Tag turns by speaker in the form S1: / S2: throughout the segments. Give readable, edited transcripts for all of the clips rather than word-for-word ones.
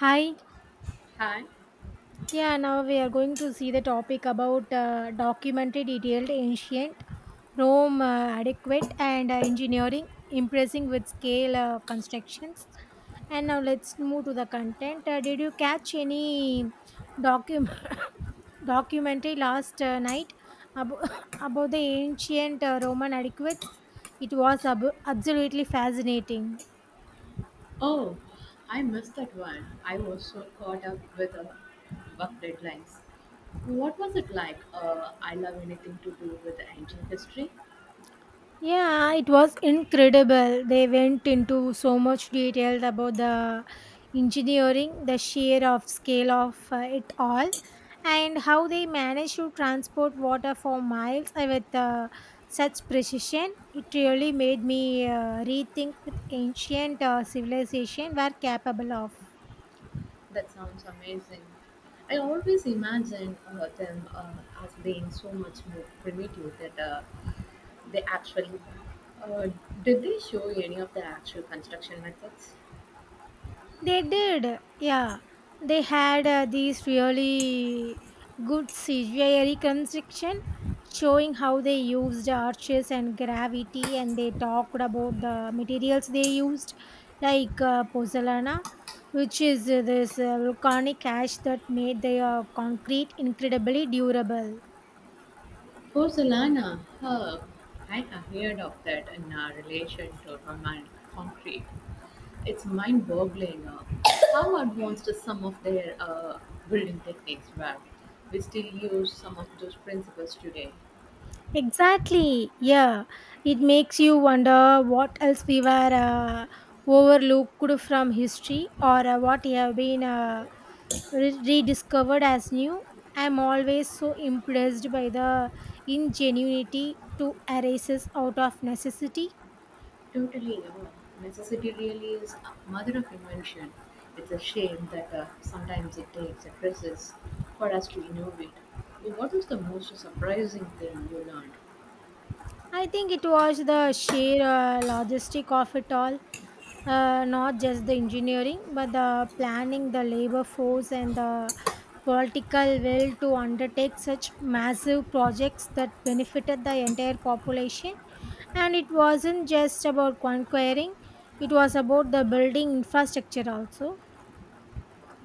S1: Hi.
S2: Hi.
S1: Yeah, now we are going to see the topic about documentary detailed ancient Rome, adequate and engineering, impressing with scale constructions. And now let's move to the content. Did you catch any docu- documentary last night about about the ancient Roman adequates? It was absolutely fascinating.
S2: Oh, I missed that one. I was so caught up with work deadlines. What was it like? I love anything to do with ancient history.
S1: Yeah, it was incredible. They went into so much detail about the engineering, the sheer of scale of it all, and how they managed to transport water for miles with such precision. It really made me rethink with ancient civilization were capable of.
S2: That sounds amazing. I always imagine them as being so much more primitive that they actually. Uh, did they show any of the actual construction methods?
S1: They did, yeah. They had these really good CGI reconstruction showing how they used arches and gravity, and they talked about the materials they used, like pozzolana, which is this volcanic ash that made the concrete incredibly durable.
S2: Pozzolana herb. I have heard of that in relation to Roman concrete. It's mind boggling how advanced some of their building techniques were. We still use some of those principles today.
S1: Exactly. Yeah. It makes you wonder what else we were uh, overlooked from history or what have been rediscovered as new. I'm always so impressed by the ingenuity to erases out of necessity.
S2: Totally, necessity really is a mother of invention. It's a shame that sometimes it takes a crisis for us to innovate. What is the most surprising thing you learned?
S1: I think it was the sheer logistic of it all. Not just the engineering but the planning the labor force and the political will to undertake such massive projects that benefited the entire population, and it wasn't just about conquering, it was about the building infrastructure also.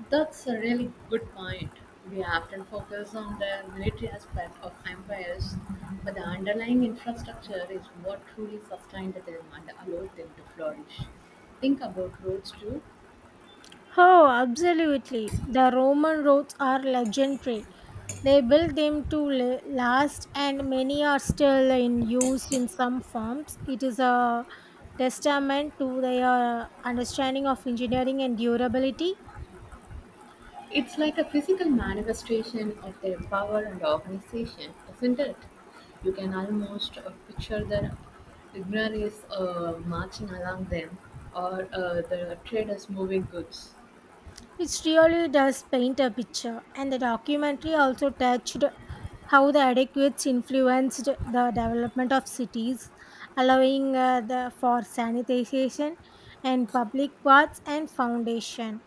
S2: That's a really good point. We often focus on the military aspect of empires, but the underlying infrastructure is what truly sustained them and allowed them to flourish. Think about roads too.
S1: Oh, absolutely. The Roman roads are legendary. They built them to last, and many are still in use in some forms. It is a testament to their understanding of engineering and durability,
S2: It's like a physical manifestation of their power and organization, isn't it? You can almost picture the ignorance marching along them or the traders moving goods.
S1: which really does paint a picture. And the documentary also touched how the adequates influenced the development of cities, allowing the, for sanitization and public paths and foundation.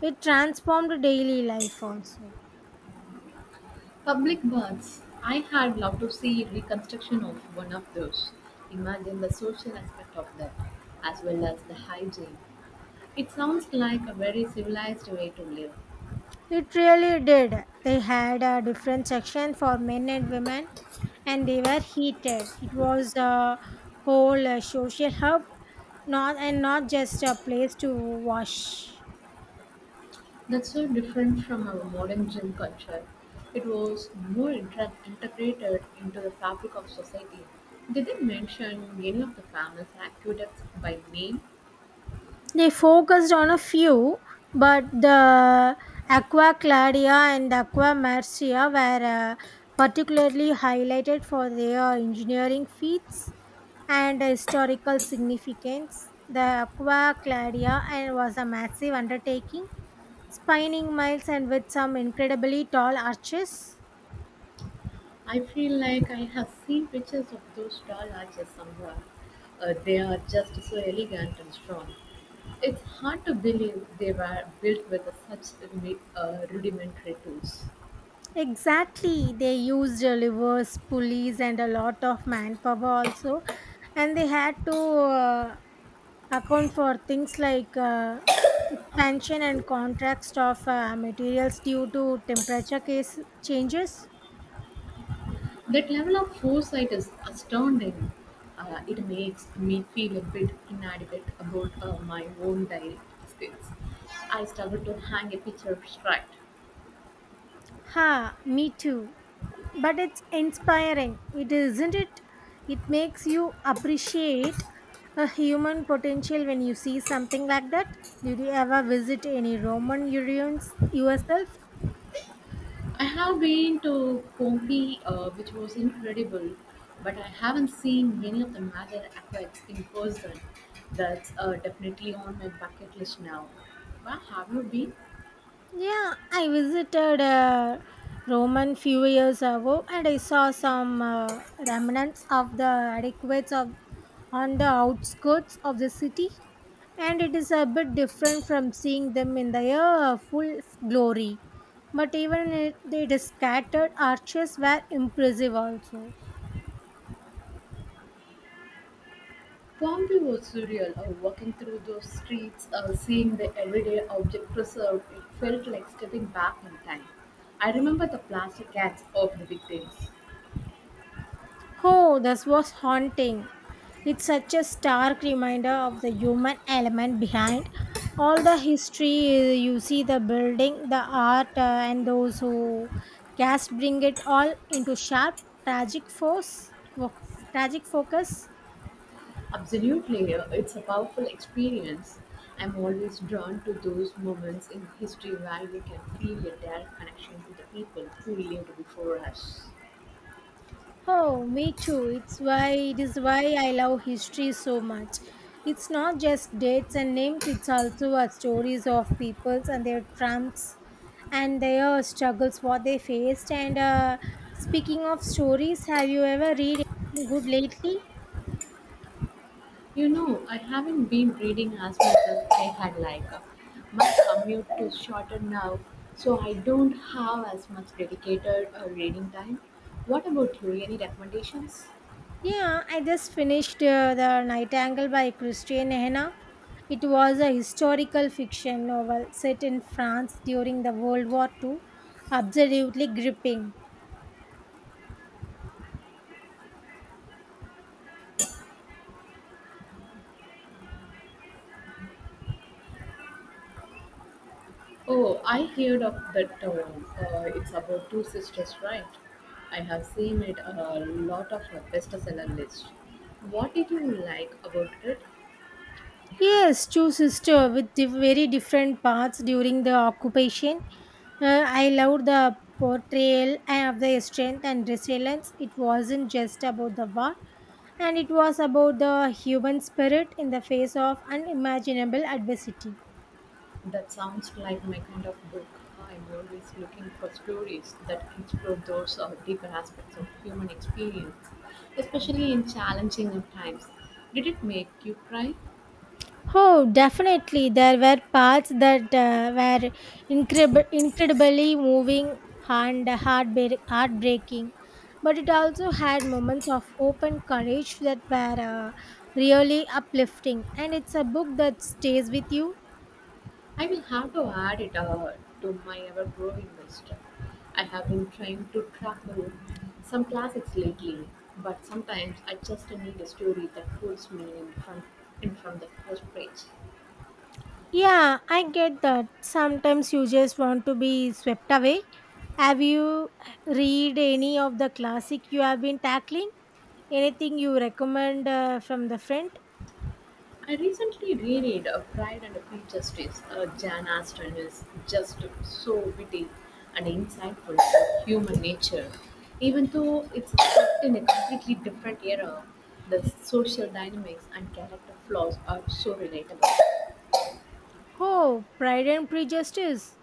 S1: It transformed daily life also.
S2: Public baths. I had loved to see reconstruction of one of those. Imagine the social aspect of that, as well as the hygiene. It sounds like a very civilized way to live.
S1: It really did. They had a different section for men and women, and they were heated. It was a whole social hub, not and not just a place to wash.
S2: That's so different from our modern gym culture. It was more integrated into the fabric of society. Did they didn't mention any of the famous aqueducts by name?
S1: They focused on a few, but the Aqua Claudia and Aqua Marcia were uh, particularly highlighted for their engineering feats and historical significance. The Aqua Claudia and was a massive undertaking, spanning miles and with some incredibly tall arches.
S2: I feel like I have seen pictures of those tall arches somewhere. They are just so elegant and strong. It's hard to believe they were built with such rudimentary tools.
S1: Exactly, they used levers, pulleys, and a lot of manpower also, and they had to account for things like expansion and contrast of materials due to temperature case changes.
S2: That level of foresight is astounding. It makes me feel a bit inadequate about my own daily skills. I struggle to hang a picture abstract.
S1: Ha, me too. But it's inspiring. It isn't it? It makes you appreciate a human potential when you see something like that. Did you ever visit any Roman ruins yourself?
S2: I have been to Pompeii, which was incredible, but I haven't seen any of the major aqueducts in person. That's definitely on my bucket list now. Where have you been?
S1: Yeah, I visited Roman few years ago and I saw some remnants of the adequates of on the outskirts of the city, and it is a bit different from seeing them in their full glory, but even it, the scattered arches were impressive also.
S2: Pompeii was surreal. Walking through those streets, seeing the everyday object preserved, it felt like stepping back in time. I remember the plastic cats of the victims.
S1: Oh, this was haunting. It's such a stark reminder of the human element behind all the history. You see the building the art and those who cast bring it all into sharp tragic wo- tragic focus.
S2: Absolutely, it's a powerful experience. I'm always drawn to those moments in history where we can feel a direct connection to the people who lived before us.
S1: Oh, me too. It's why it is why I love history so much. It's not just dates and names, it's also our stories of peoples and their triumphs and their struggles, what they faced. And Speaking of stories, have you ever read anything good lately?
S2: I haven't been reading as much as I had like. My commute is shorter now, so I don't have as much dedicated reading time. What about you? Any recommendations?
S1: Yeah, I just finished The Nightingale by Christian Henna. It was a historical fiction novel set in France during the World War Two. Absolutely gripping.
S2: Oh, I heard of that town. It's about two sisters, right? I have seen it a lot of bestseller list. What did you like about it?
S1: Yes, two sisters with very different paths during the occupation. I loved the portrayal of their strength and resilience. It wasn't just about the war, and it was about the human spirit in the face of unimaginable adversity.
S2: That sounds like my kind of book. I'm always looking for stories that explore those deeper aspects of human experience, especially in challenging times. Did it make you cry?
S1: Oh, definitely. There were parts that were incredibly moving and heartbreaking, but it also had moments of hope and courage that were really uplifting. And it's a book that stays with you.
S2: I will have to add it to my ever growing list. I have been trying to tackle some classics lately, but sometimes I just need a story that holds me in from the first page.
S1: Yeah, I get that. Sometimes you just want to be swept away. Have you read any of the classic you have been tackling? Anything you recommend from the front?
S2: I recently reread A Pride and Prejudice. Jan Aston is just so witty and insightful about human nature. Even though it's set in a completely different era, the social dynamics and character flaws are so relatable.
S1: Oh, Pride and Prejudice.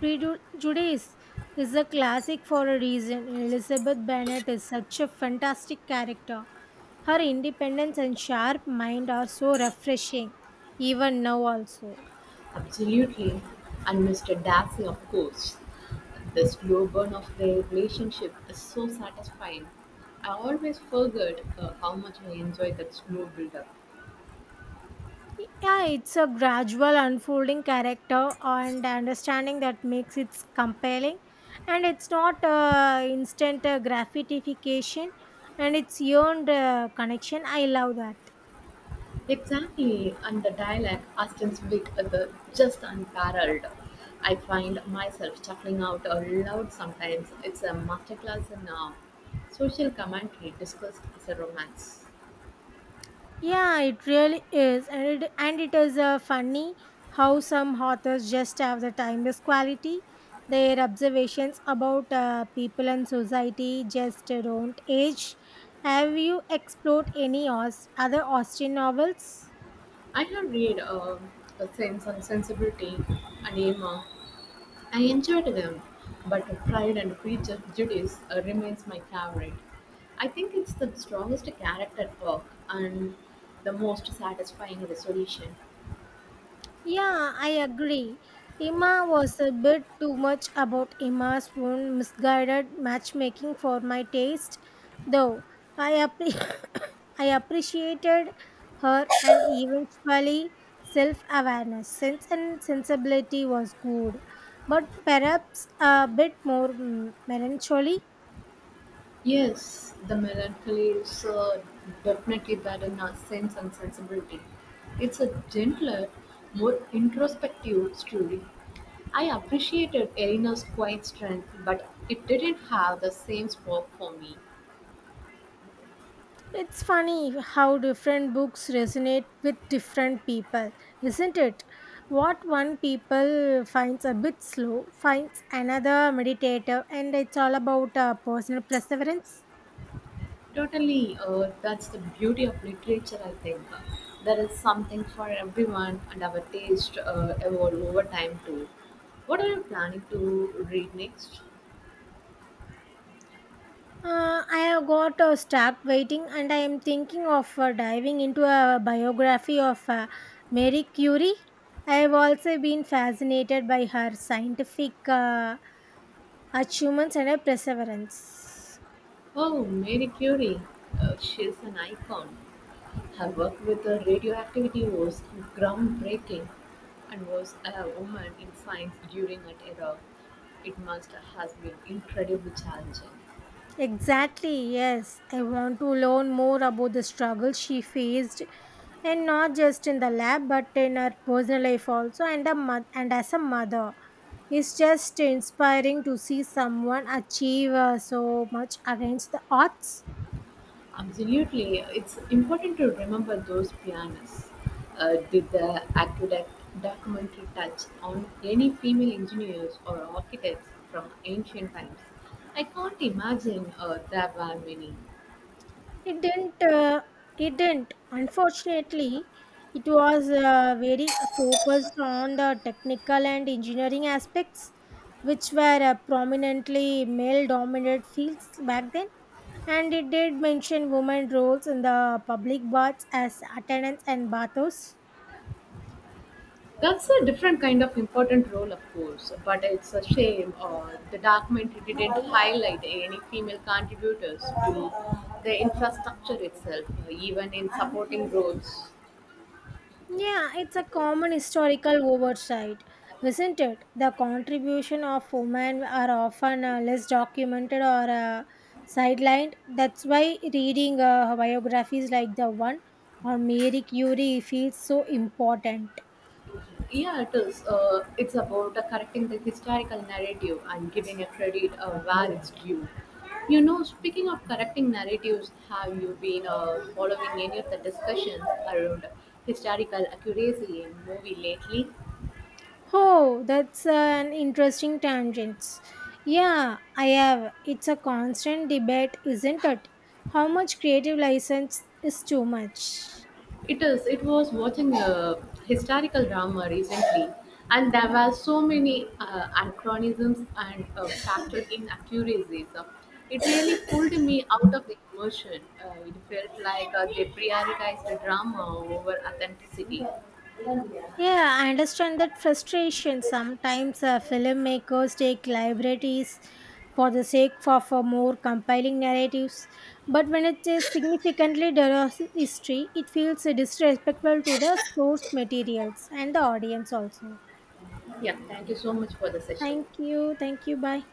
S1: Prejudice is a classic for a reason. Elizabeth Bennet is such a fantastic character. Her independence and sharp mind are so refreshing, even now also.
S2: Absolutely. And Mr. Darcy, of course. The slow burn of their relationship is so satisfying. I always forget how much I enjoy that slow build up.
S1: Yeah, it's a gradual unfolding character and understanding that makes it compelling. And it's not instant gratification and it's earned connection. I love that.
S2: Exactly, and the dialect Austin's wit is just unparalleled. I find myself chuckling out loud sometimes. It's a masterclass in social commentary discussed as a romance.
S1: Yeah, it really is. And it is funny how some authors just have the timeless quality. Their observations about people and society just don't age. Have you explored any other Austrian novels?
S2: I have read A Sense and Sensibility and Emma. I enjoyed them, but Pride and Prejudice remains my favorite. I think it's the strongest character arc and the most satisfying resolution.
S1: Yeah, I agree. Emma was a bit too much about Emma's own misguided matchmaking for my taste, though. I, app- I appreciated her and eventually self awareness. Sense and sensibility was good, but perhaps a bit more melancholy.
S2: Yes, the melancholy is definitely better in our sense and sensibility. It's a gentler, more introspective story. I appreciated Eleanor's quiet strength, but it didn't have the same spark for me.
S1: It's funny how different books resonate with different people, isn't it? What one people finds a bit slow finds another meditative, and it's all about personal perseverance.
S2: Totally, that's the beauty of literature, I think. There is something for everyone, and our taste evolve over time too. What are you planning to read next?
S1: I have got stopped waiting and I am thinking of diving into a biography of Marie Curie. I have also been fascinated by her scientific achievements and her perseverance.
S2: Oh, Mary Curie. She's an icon. Her work with the radioactivity was groundbreaking and was a woman in science during that era. It must has been incredibly challenging.
S1: Exactly, yes. I want to learn more about the struggle she faced, and not just in the lab but in her personal life also, and as a mother. It's just inspiring to see someone achieve so much against the odds.
S2: Absolutely. It's important to remember those pianists. Did the aqueduct documentary touch on any female engineers or architects from ancient times? I can't imagine there were many.
S1: It didn't. It didn't. Unfortunately, it was very focused on the technical and engineering aspects, which were prominently male-dominated fields back then. And it did mention women roles in the public baths as attendants and bathos.
S2: That's a different kind of important role, of course, but it's a shame the documentary didn't highlight any female contributors to the infrastructure itself, even in supporting roles.
S1: Yeah, it's a common historical oversight, isn't it? The contribution of women are often less documented or sidelined. That's why reading biographies like the one on Marie Curie feels so important.
S2: Yeah, it is. It's about correcting the historical narrative and giving a credit where it's due. You know, speaking of correcting narratives, have you been following any of the discussions around historical accuracy in movie lately?
S1: Oh, that's an interesting tangent. Yeah, I have. It's a constant debate, isn't it? How much creative license is too much?
S2: It is. It was watching a historical drama recently, and there were so many anachronisms and factual inaccuracies. It really pulled me out of the immersion. It felt like they prioritized the drama over authenticity.
S1: Yeah, I understand that frustration. Sometimes filmmakers take liberties for the sake of more compelling narratives, but when it is significantly derives history, it feels disrespectful to the source materials and the audience also.
S2: Yeah, thank you so much for the session.
S1: Thank you, bye.